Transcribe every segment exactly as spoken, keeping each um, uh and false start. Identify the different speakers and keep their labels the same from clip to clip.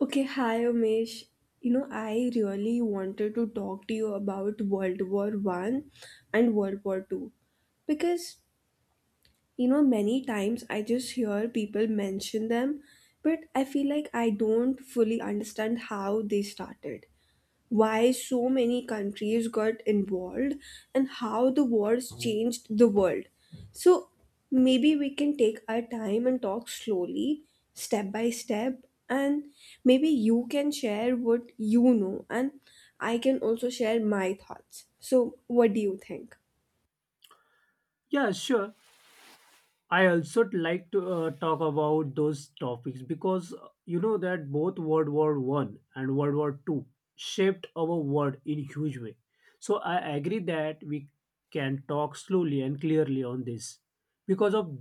Speaker 1: Okay, hi Umesh. You know, I really wanted to talk to you about World War One and World War Two because you know many times I just hear people mention them, but I feel like I don't fully understand how they started, why so many countries got involved, and how the wars changed the world. So maybe we can take our time and talk slowly, step by step, and maybe you can share what you know, and I can also share my thoughts. So, what do you think?
Speaker 2: Yeah, sure. I also like to uh, talk about those topics because uh, you know that both World War One and World War Two shaped our world in huge way. So I agree that we can talk slowly and clearly on this because of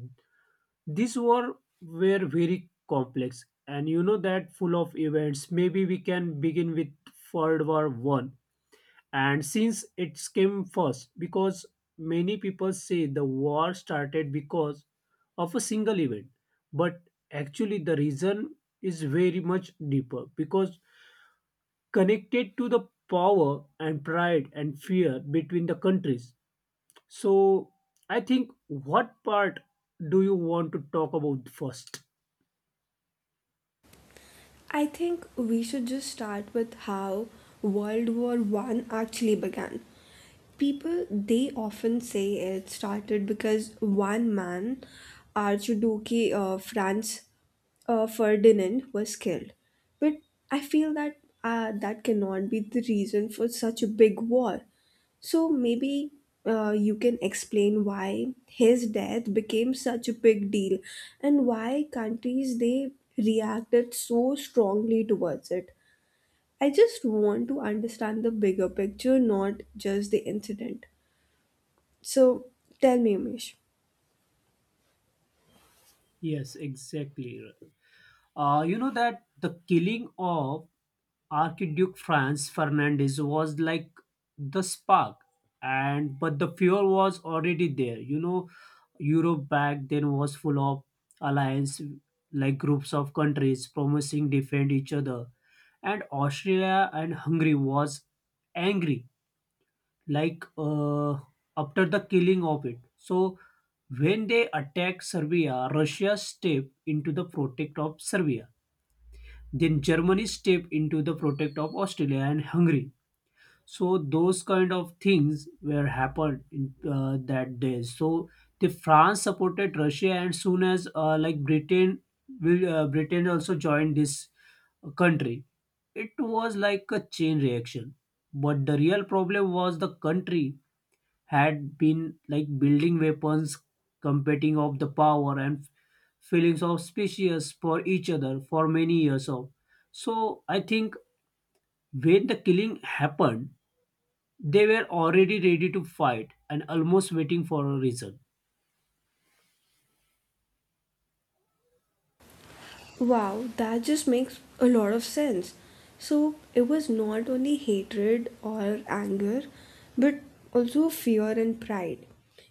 Speaker 2: this war were very complex and you know that full of events. Maybe we can begin with World War One and since it came first because many people say the war started because of a single event but actually the reason is very much deeper because connected to the power and pride and fear between the countries so I think what part do you want to talk about first.
Speaker 1: I think we should just start with how World War One actually began. People they often say it started because one man, Archduke Duke of France uh, Ferdinand, was killed, but I feel that uh, that cannot be the reason for such a big war. So maybe uh, you can explain why his death became such a big deal and why countries they reacted so strongly towards it. I just want to understand the bigger picture, not just the incident. So tell me, Umesh.
Speaker 2: Yes, exactly. Uh, you know that the killing of Archduke Franz Fernandez was like the spark, and but the fuel was already there. You know, Europe back then was full of alliance, like groups of countries promising defend each other, and Austria and Hungary was angry, like uh, after the killing of it. So when they attacked Serbia, Russia stepped into the protect of Serbia then Germany stepped into the protect of Australia and Hungary. So those kind of things were happened in uh, that day. So the France supported Russia, and soon as uh, like Britain will uh, Britain also joined this uh, country. It was like a chain reaction. But the real problem was the country had been like building weapons, competing of the power and feelings of species for each other for many years of. So I think when the killing happened, they were already ready to fight and almost waiting for a reason.
Speaker 1: Wow, that just makes a lot of sense. So it was not only hatred or anger, but also fear and pride.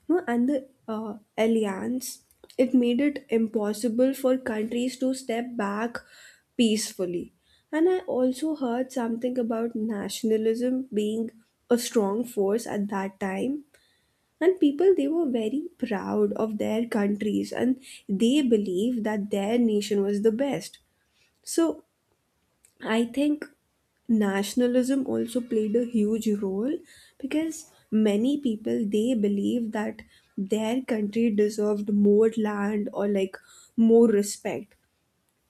Speaker 1: You know, and the uh, alliance it made it impossible for countries to step back peacefully. And I also heard something about nationalism being a strong force at that time. And people, they were very proud of their countries and they believed that their nation was the best. So I think nationalism also played a huge role because many people they believe that their country deserved more land or like more respect.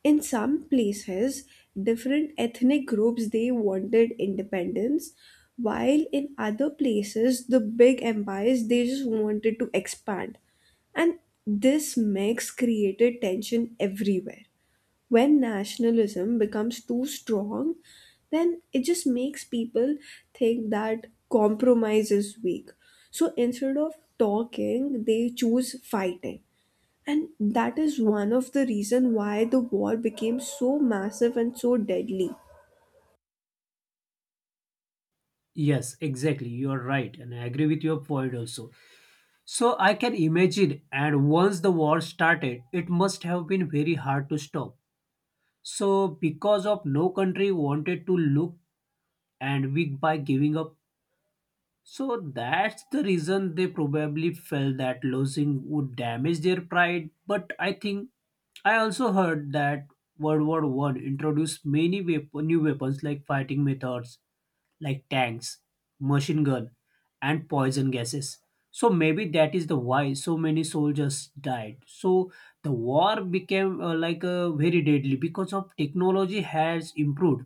Speaker 1: In some places, different ethnic groups they wanted independence, while in other places the big empires they just wanted to expand. And this mix created tension everywhere. When nationalism becomes too strong, then it just makes people think that compromise is weak. So instead of talking, they choose fighting. And that is one of the reason why the war became so massive and so deadly.
Speaker 2: Yes, exactly. You are right, and I agree with your point also. So I can imagine, and once the war started, it must have been very hard to stop. So because of no country wanted to look and weak by giving up. So that's the reason they probably felt that losing would damage their pride. But I think I also heard that World War One introduced many wep- new weapons like fighting methods, like tanks, machine gun, and poison gases. So maybe that is the why so many soldiers died. So the war became uh, like uh, very deadly because of technology has improved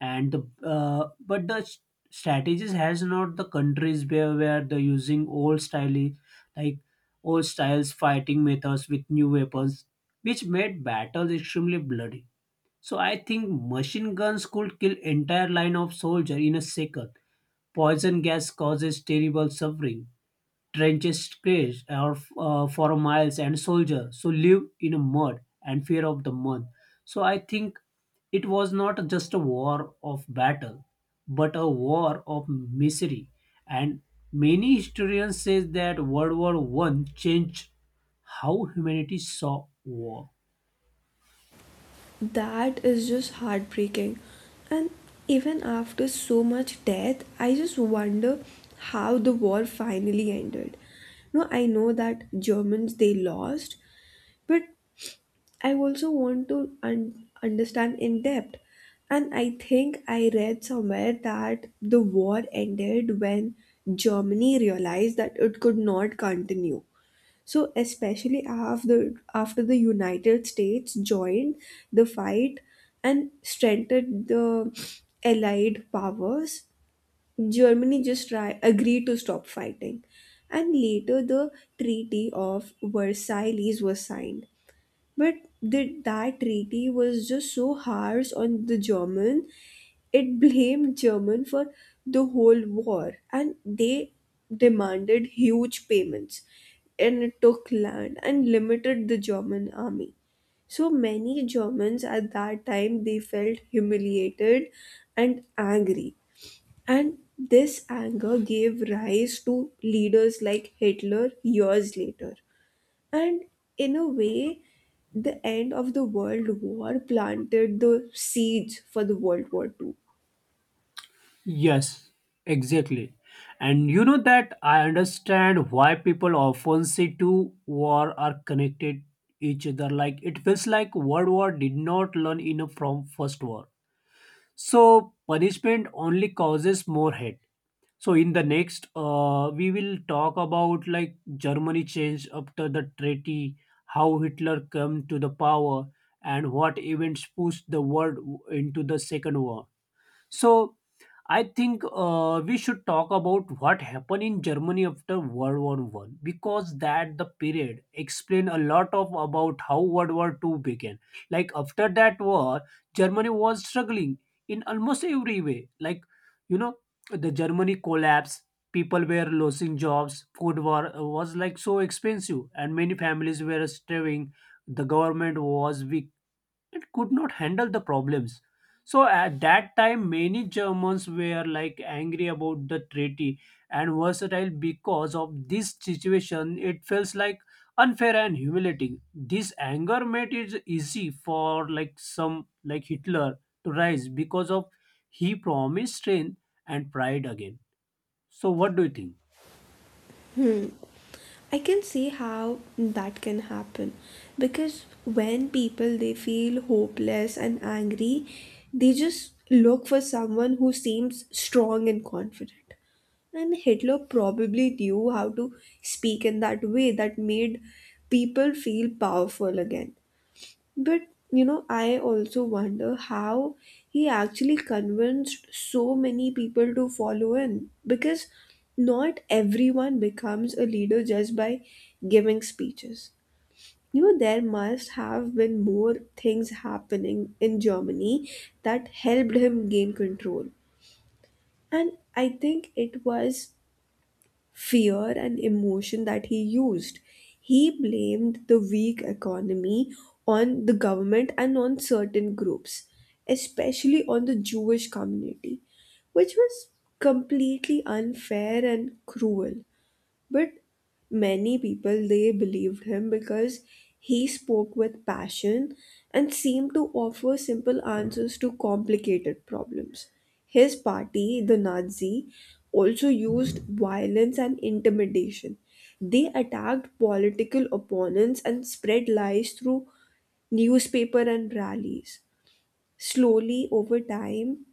Speaker 2: and the uh, but the s- strategies has not the countries where where they're using old style like old styles fighting methods with new weapons which made battles extremely bloody so I think machine guns could kill entire line of soldier in a second, poison gas causes terrible suffering, trenches stretched or uh, for miles and soldiers so live in a mud and fear of the month. So I think it was not just a war of battle but a war of misery, and many historians say that world war one changed how humanity saw war.
Speaker 1: That is just heartbreaking. And even after so much death, I just wonder how the war finally ended. No, I know that Germans they lost, but I also want to un- understand in depth. And I think I read somewhere that the war ended when Germany realized that it could not continue. So, especially after, after the United States joined the fight and strengthened the Allied powers, Germany just try- agreed to stop fighting. And later, the Treaty of Versailles was signed, but did that treaty was just so harsh on the German, it blamed German for the whole war, and they demanded huge payments, and it took land and limited the German army. So many Germans at that time they felt humiliated and angry, and this anger gave rise to leaders like Hitler years later. And in a way, the end of the World War planted the seeds for the World War Two.
Speaker 2: Yes, exactly. And you know that I understand why people often say two war are connected each other. Like it feels like World War did not learn enough from First War. So punishment only causes more hate. So in the next, uh, we will talk about like Germany change after the treaty, how Hitler came to the power, and what events pushed the world into the Second War. So I think uh, we should talk about what happened in Germany after World War One because that the period explain a lot of about how World War Two began. Like after that war, Germany was struggling in almost every way. Like you know, the Germany collapsed. People were losing jobs. Food war uh, was like so expensive, and many families were starving. The government was weak, it could not handle the problems. So at that time, many Germans were like angry about the treaty and versatile because of this situation. It feels like unfair and humiliating. This anger made it easy for like some like Hitler to rise because of he promised strength and pride again. So what do you think?
Speaker 1: I can see how that can happen because when people they feel hopeless and angry, they just look for someone who seems strong and confident. And Hitler probably knew how to speak in that way that made people feel powerful again. But you know, I also wonder how he actually convinced so many people to follow in because not everyone becomes a leader just by giving speeches. You know, there must have been more things happening in Germany that helped him gain control. And I think it was fear and emotion that he used. He blamed the weak economy on the government and on certain groups, especially on the Jewish community, which was completely unfair and cruel. But many people they believed him because he spoke with passion and seemed to offer simple answers to complicated problems. His party, the Nazi, also used violence and intimidation. They attacked political opponents and spread lies through newspaper and rallies. Slowly over time,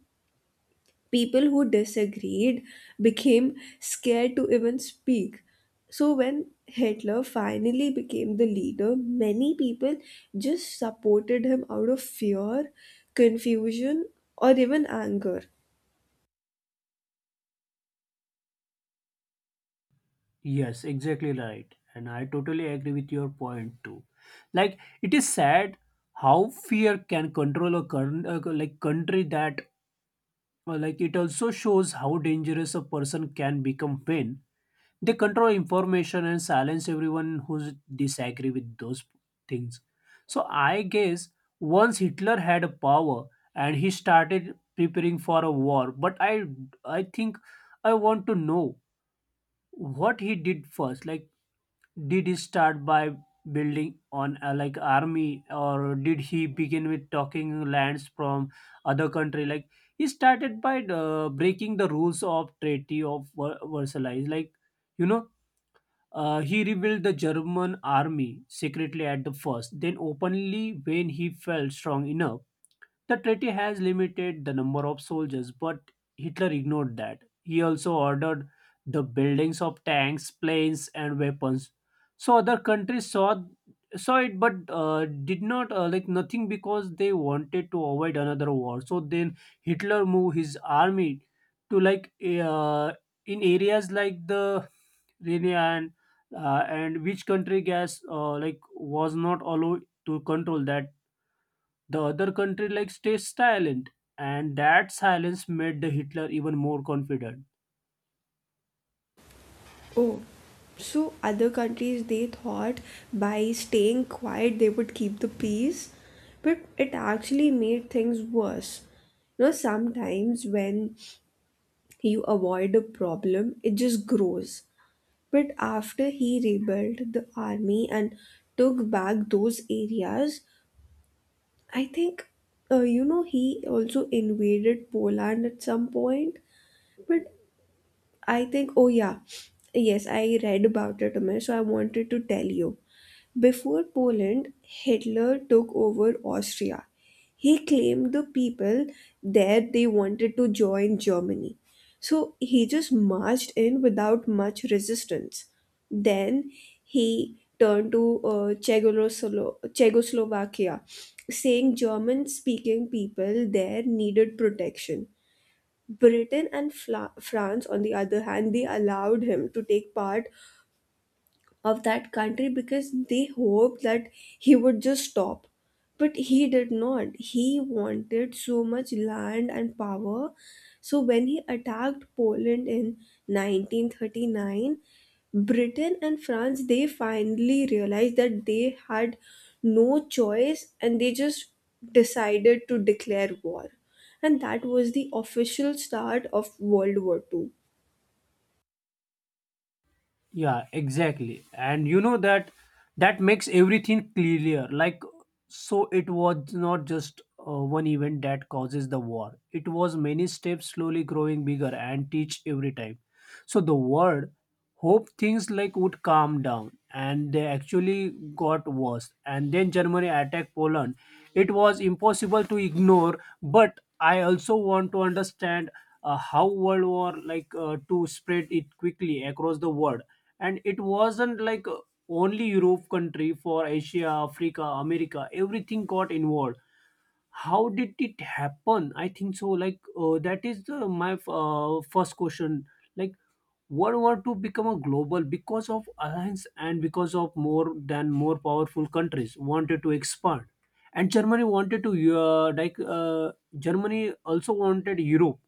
Speaker 1: people who disagreed became scared to even speak. So, when Hitler finally became the leader, many people just supported him out of fear, confusion, or even anger.
Speaker 2: Yes, exactly right. And I totally agree with your point too. Like it is sad how fear can control a current uh, like country that uh, like it also shows how dangerous a person can become when they control information and silence everyone who disagree with those things. So I guess once Hitler had a power and he started preparing for a war, but I I think I want to know what he did first like did he start by building on uh, like army, or did he begin with talking lands from other country? Like he started by uh, breaking the rules of Treaty of Ver- Versailles. Like you know, uh, he rebuilt the German army secretly at the first, then openly when he felt strong enough the treaty has limited the number of soldiers, but Hitler ignored that. He also ordered the buildings of tanks, planes, and weapons. So other countries saw saw it, but uh, did not uh, like nothing because they wanted to avoid another war. So then Hitler moved his army to like uh, in areas like the Rhine and uh, and which country gas uh, like was not allowed to control that the other country like stays silent, and that silence made the Hitler even more confident.
Speaker 1: Oh, so other countries they thought by staying quiet they would keep the peace, but it actually made things worse. You know, sometimes when you avoid a problem, it just grows. But after he rebuilt the army and took back those areas, I think, uh, you know, he also invaded Poland at some point. But I think, oh yeah, yes, I read about it, Umesh, so I wanted to tell you. Before Poland, Hitler took over Austria. He claimed the people there they wanted to join Germany. So he just marched in without much resistance. Then he turned to uh, Czechoslo- Czechoslovakia, saying German speaking people there needed protection. Britain and Fla- France, on the other hand, they allowed him to take part of that country because they hoped that he would just stop. But he did not. He wanted so much land and power. So when he attacked Poland in nineteen thirty-nine, Britain and France they finally realized that they had no choice and they just decided to declare war. And that was the official start of World War Two.
Speaker 2: Yeah, exactly. And you know that that makes everything clearer. Like, so it was not just uh, one event that causes the war. It was many steps slowly growing bigger and teach every time. So the word hope things like would calm down and they actually got worse and then germany attacked poland it was impossible to ignore but I also want to understand uh, how world war like uh, to spread it quickly across the world and it wasn't like uh, only europe country for asia africa america everything got involved how did it happen I think so like uh, that is the, my uh, first question like World War two become a global because of alliance and because of more than more powerful countries wanted to expand, and Germany wanted to uh, like uh, Germany also wanted Europe,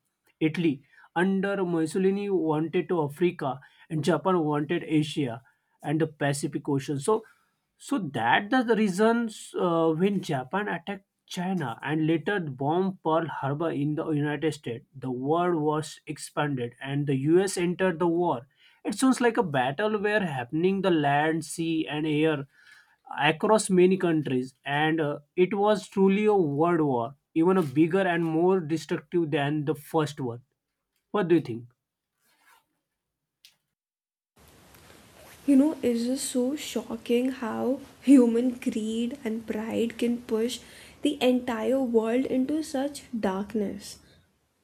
Speaker 2: Italy under Mussolini wanted to Africa, and Japan wanted Asia and the Pacific Ocean. So so that the the reasons uh, when Japan attacked China and later bombed Pearl Harbor in the United States. The war was expanded and the U S entered the war. It sounds like a battle where happening the land, sea and air across many countries and uh, it was truly a world war, even a bigger and more destructive than the first one. What do you think?
Speaker 1: You know, it's just so shocking how human greed and pride can push the entire world into such darkness.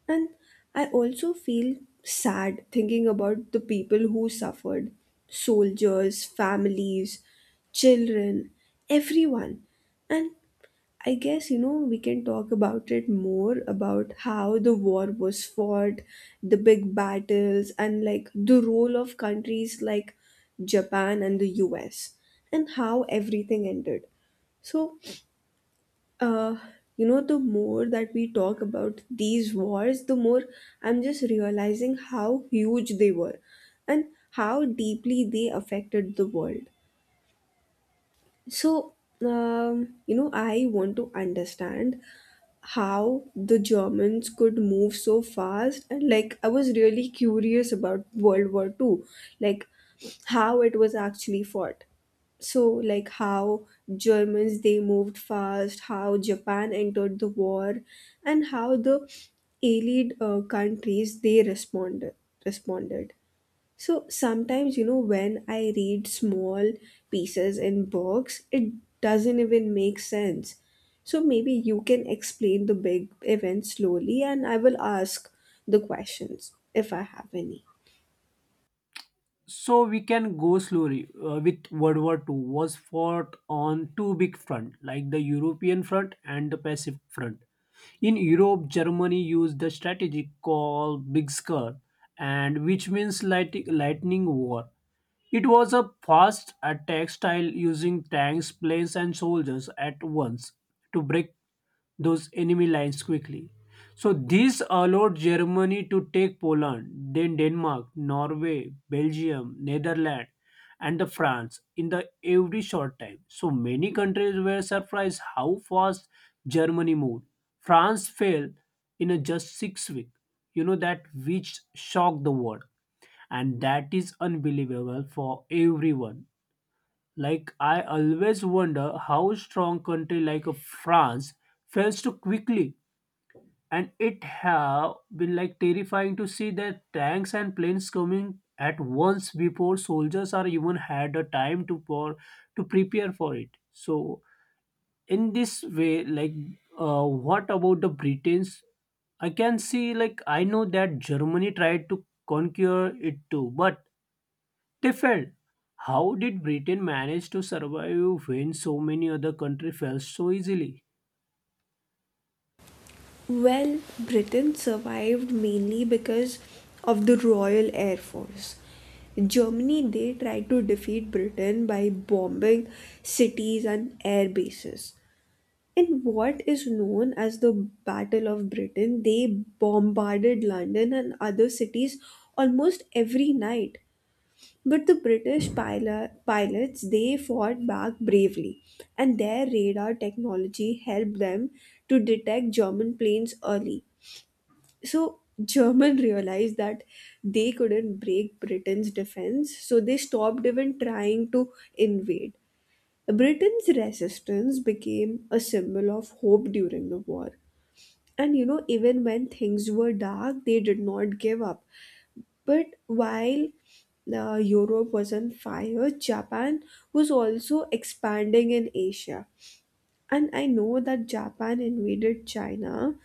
Speaker 1: And I also feel sad thinking about the people who suffered soldiers, families, children, everyone. And I guess, you know, we can talk about it more about how the war was fought, the big battles, and like the role of countries like Japan and the U S, and how everything ended. So, uh, you know, the more that we talk about these wars, the more I'm just realizing how huge they were and how deeply they affected the world. So, um, you know, I want to understand how the Germans could move so fast and like I was really curious about World War Two, like how it was actually fought. So like how Germans they moved fast, how Japan entered the war and how the allied uh, countries they responded responded so sometimes, you know, when I read small pieces in books, it doesn't even make sense. So maybe you can explain the big event slowly and I will ask the questions if I have any.
Speaker 2: So we can go slowly uh, with World War two was fought on two big front like the European front and the Pacific front. In Europe, Germany used the strategy called Blitzkrieg, and which means light, lightning war. It was a fast attack style using tanks, planes, and soldiers at once to break those enemy lines quickly. So this allowed Germany to take Poland, then Denmark, Norway, Belgium, Netherlands, and the France in the every short time. So many countries were surprised how fast Germany moved. France fell in a just six weeks. You know that which shocked the world and that is unbelievable for everyone. Like I always wonder how strong country like a France fails so quickly, and it have been like terrifying to see their tanks and planes coming at once before soldiers are even had a time to pour, to prepare for it. So in this way, like uh, what about the Britain's. I can see, like, I know that Germany tried to conquer it too, but they felt, how did Britain manage to survive when so many other countries fell so easily?
Speaker 1: Well, Britain survived mainly because of the Royal Air Force. Germany, they tried to defeat Britain by bombing cities and air bases. In what is known as the Battle of Britain, they bombarded London and other cities almost every night. But the British pilo- pilots they fought back bravely, and their radar technology helped them to detect German planes early. So German realized that they couldn't break Britain's defense, so they stopped even trying to invade. Britain's resistance became a symbol of hope during the war. And you know, even when things were dark, they did not give up. But while uh, Europe was on fire, Japan was also expanding in Asia. And I know that Japan invaded China,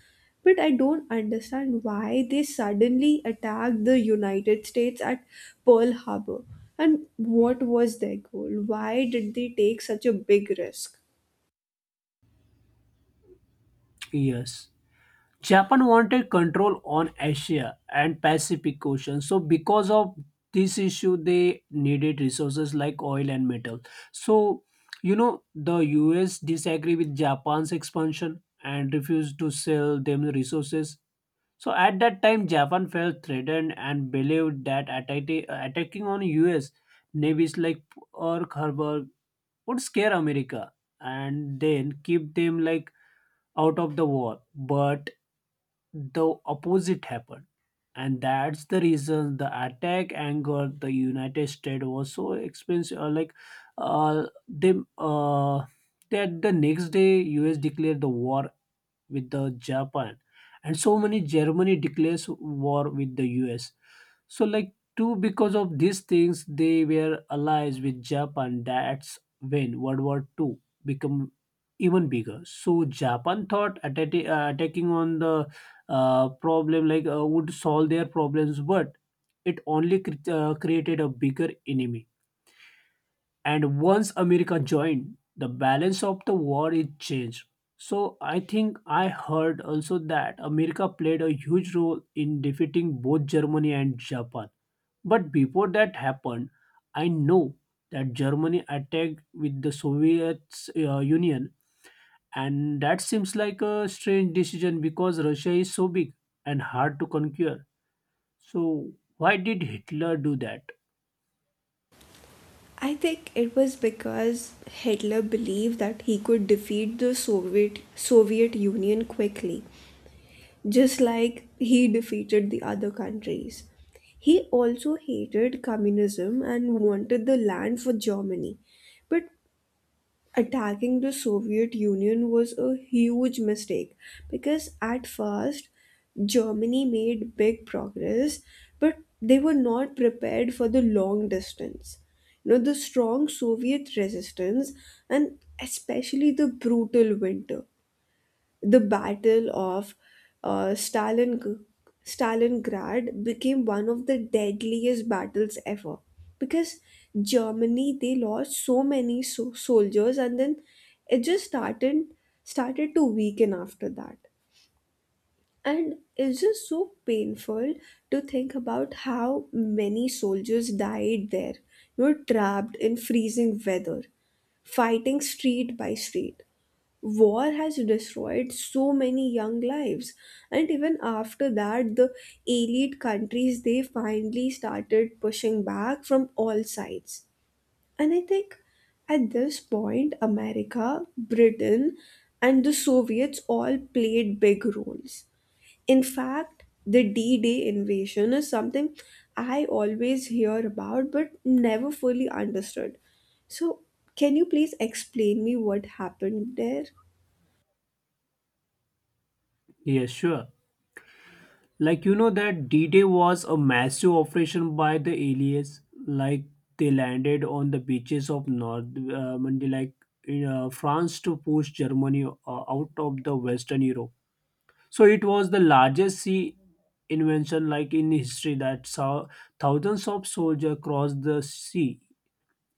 Speaker 1: but I don't understand why they suddenly attacked the United States at Pearl Harbor. And what was their goal? Why did they take such a big risk?
Speaker 2: Yes. Japan wanted control on Asia and Pacific Ocean. So because of this issue they needed resources like oil and metal. So you know the U S disagree with Japan's expansion and refused to sell them resources. So at that time, Japan felt threatened and believed that attac- attacking on U S navies like Pearl Harbor would scare America and then keep them like out of the war. But the opposite happened, and that's the reason the attack angered the United States was so expensive. Uh, Like, uh, them uh, that the next day U S declared the war with the Japan, and so many Germany declares war with the U S. So like two because of these things they were allies with Japan. That's when World War Two become even bigger. So Japan thought atta- uh, attacking on the uh, problem like uh, would solve their problems, but it only cre- uh, created a bigger enemy and once america joined the balance of the war is changed so I think I heard also that america played a huge role in defeating both germany and japan but before that happened I know that germany attacked with the soviet uh, union and that seems like a strange decision because russia is so big and hard to conquer so why did hitler do that.
Speaker 1: I think it was because Hitler believed that he could defeat the Soviet Soviet Union quickly, just like he defeated the other countries. He also hated communism and wanted the land for Germany. But attacking the Soviet Union was a huge mistake because at first Germany made big progress, but they were not prepared for the long distance. You know, the strong Soviet resistance and especially the brutal winter, the Battle of uh, Stalin, Stalingrad became one of the deadliest battles ever because Germany they lost so many so- soldiers, and then it just started started to weaken after that. And it's just so painful to think about how many soldiers died there, you know trapped in freezing weather, fighting street by street. War has destroyed so many young lives. And even after that, the elite countries they finally started pushing back from all sides. And I think at this point, America, Britain, and the Soviets all played big roles. In fact, the D-Day invasion is something I always hear about but never fully understood. So can you please explain me what happened there?
Speaker 2: Yes, sure. Like you know that D-Day was a massive operation by the aliens. Like they landed on the beaches of North uh, Monday, like in, uh, France to push Germany uh, out of the Western Europe. So it was the largest sea invention like in history that saw thousands of soldiers cross the sea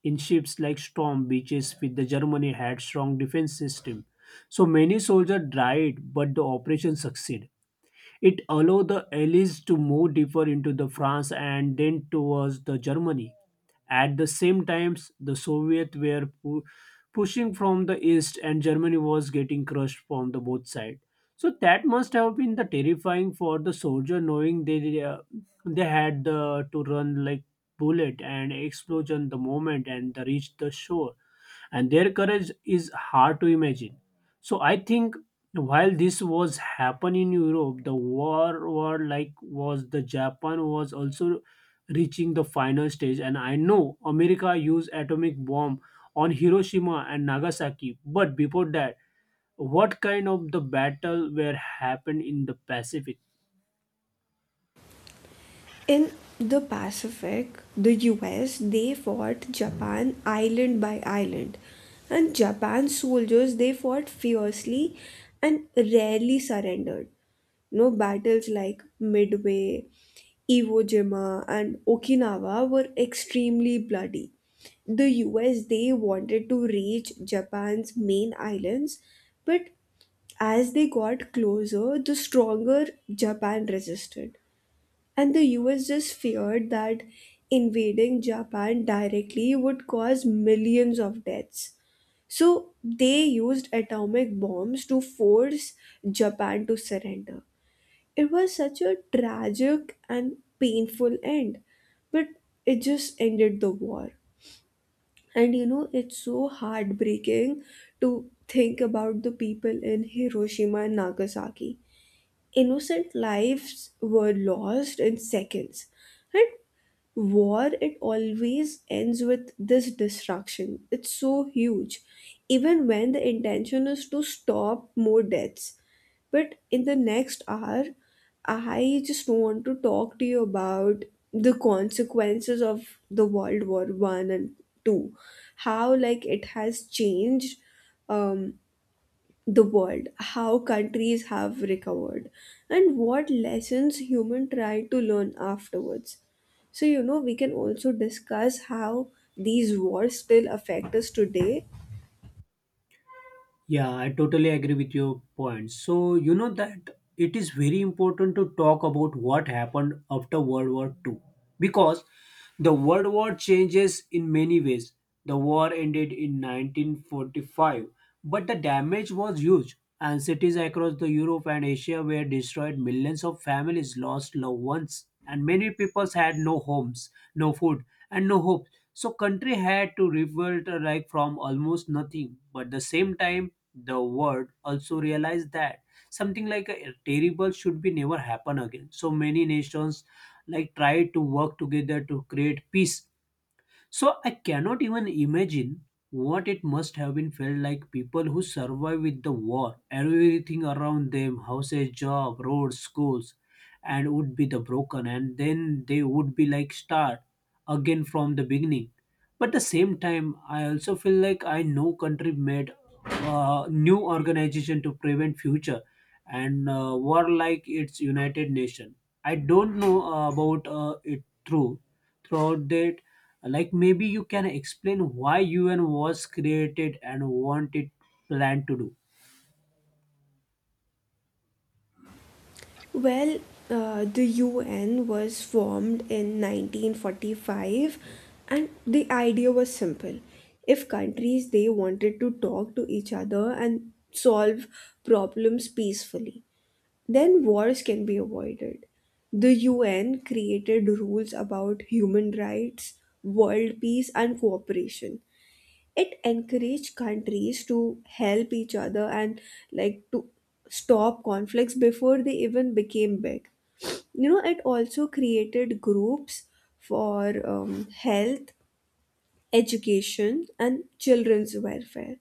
Speaker 2: in ships like storm beaches with the Germany had strong defense system. So many soldiers died, but the operation succeeded. It allowed the Allies to move deeper into the France and then towards the Germany. At the same time, the Soviets were pu- pushing from the east, and Germany was getting crushed from the both sides. So that must have been the terrifying for the soldier, knowing they uh, they had the, to run like bullet and explosion the moment and the reach the shore and their courage is hard to imagine. So I think while this was happening in Europe, the war war like was the Japan was also reaching the final stage, and I know America used atomic bomb on Hiroshima and Nagasaki, but before that, what kind of the battle were happened in the Pacific?
Speaker 1: In the Pacific, the U S, they fought Japan island by island. And Japan's soldiers, they fought fiercely and rarely surrendered. No battles like Midway, Iwo Jima, and Okinawa were extremely bloody. The U S, they wanted to reach Japan's main islands, but as they got closer, the stronger Japan resisted. And the U S just feared that invading Japan directly would cause millions of deaths. So they used atomic bombs to force Japan to surrender. It was such a tragic and painful end, but it just ended the war. And you know, it's so heartbreaking to think about the people in Hiroshima and Nagasaki. Innocent lives were lost in seconds. And war, it always ends with this destruction. It's so huge. Even when the intention is to stop more deaths. But in the next hour, I just want to talk to you about the consequences of the World War One and Two. How like it has changed, um the world, how countries have recovered, and what lessons human try to learn afterwards. So, you know, we can also discuss how these wars still affect us today.
Speaker 2: Yeah, I totally agree with your point. So, you know that it is very important to talk about what happened after World War Two, because the World War changes in many ways. The war ended in nineteen forty-five, but the damage was huge, and cities across the Europe and Asia were destroyed. Millions of families lost loved ones, and many peoples had no homes, no food, and no hope. So country had to rebuild uh, like from almost nothing, but at the same time the world also realized that something like a terrible should be never happen again so many nations like tried to work together to create peace so I cannot even imagine what it must have been felt like people who survive with the war, everything around them, houses, job, roads, schools, and would be the broken, and then they would be like start again from the beginning. But the same time, I also feel like I know country made a new organization to prevent future and uh, war like its United Nation. I don't know uh, about uh, it through throughout that like maybe you can explain why U N was created and what it planned to do.
Speaker 1: Well, uh, the U N was formed in nineteen forty-five, and the idea was simple. If countries they wanted to talk to each other and solve problems peacefully, then wars can be avoided. The U N created rules about human rights, world peace, and cooperation. It encouraged countries to help each other and like to stop conflicts before they even became big. You know, it also created groups for um, health, education, and children's welfare.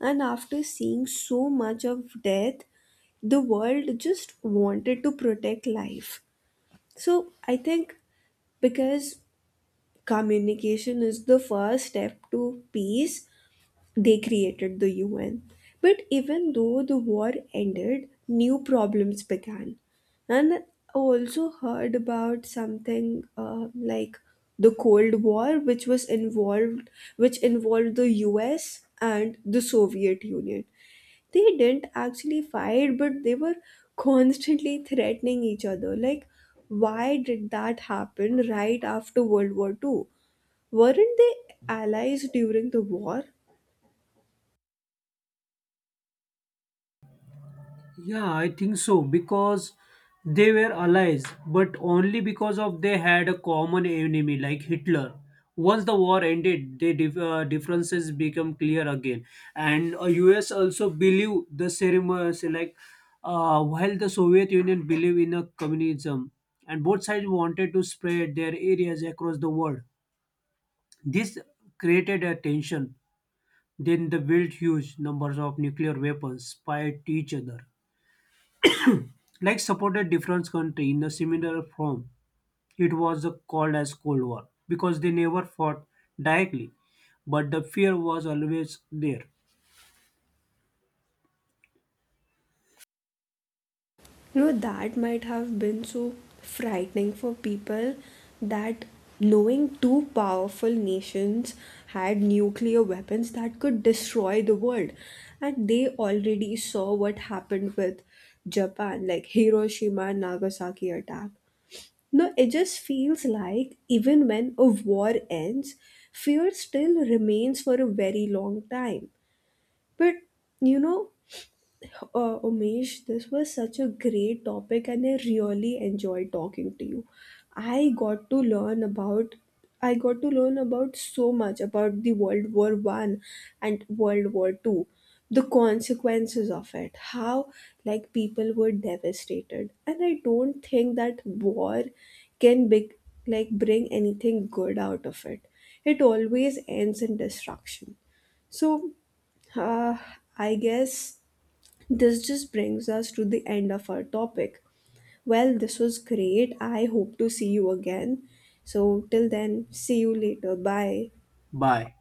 Speaker 1: And after seeing so much of death, the world just wanted to protect life. So I think because communication is the first step to peace, they created the U N. But even though the war ended, new problems began. And I also heard about something uh, like the Cold War, which was involved, which involved the U S and the Soviet Union. They didn't actually fight, but they were constantly threatening each other. Like, why did that happen right after World War two? Weren't they allies during the war?
Speaker 2: Yeah, I think so because they were allies, but only because of they had a common enemy like Hitler. Once the war ended, the dif- uh, differences become clear again, and uh, U S also believe the ceremony like uh, while the Soviet Union believed in a communism, and both sides wanted to spread their areas across the world. This created a tension. Then they built huge numbers of nuclear weapons spite each other. Like supported different country in a similar form. It was called as Cold War because they never fought directly, but the fear was always there.
Speaker 1: You know that might have been so frightening for people, that knowing two powerful nations had nuclear weapons that could destroy the world. And they already saw what happened with Japan, like Hiroshima and Nagasaki attack. No, it just feels like even when a war ends, fear still remains for a very long time. But you know, uh, Umesh, this was such a great topic, and I really enjoyed talking to you. I got to learn about I got to learn about so much about the World War One and World War Two, the consequences of it, how like people were devastated, and I don't think that war can be, like bring anything good out of it. It always ends in destruction. So, uh, I guess this just brings us to the end of our topic. Well, this was great. I hope to see you again. So, till then, see you later. Bye.
Speaker 2: Bye.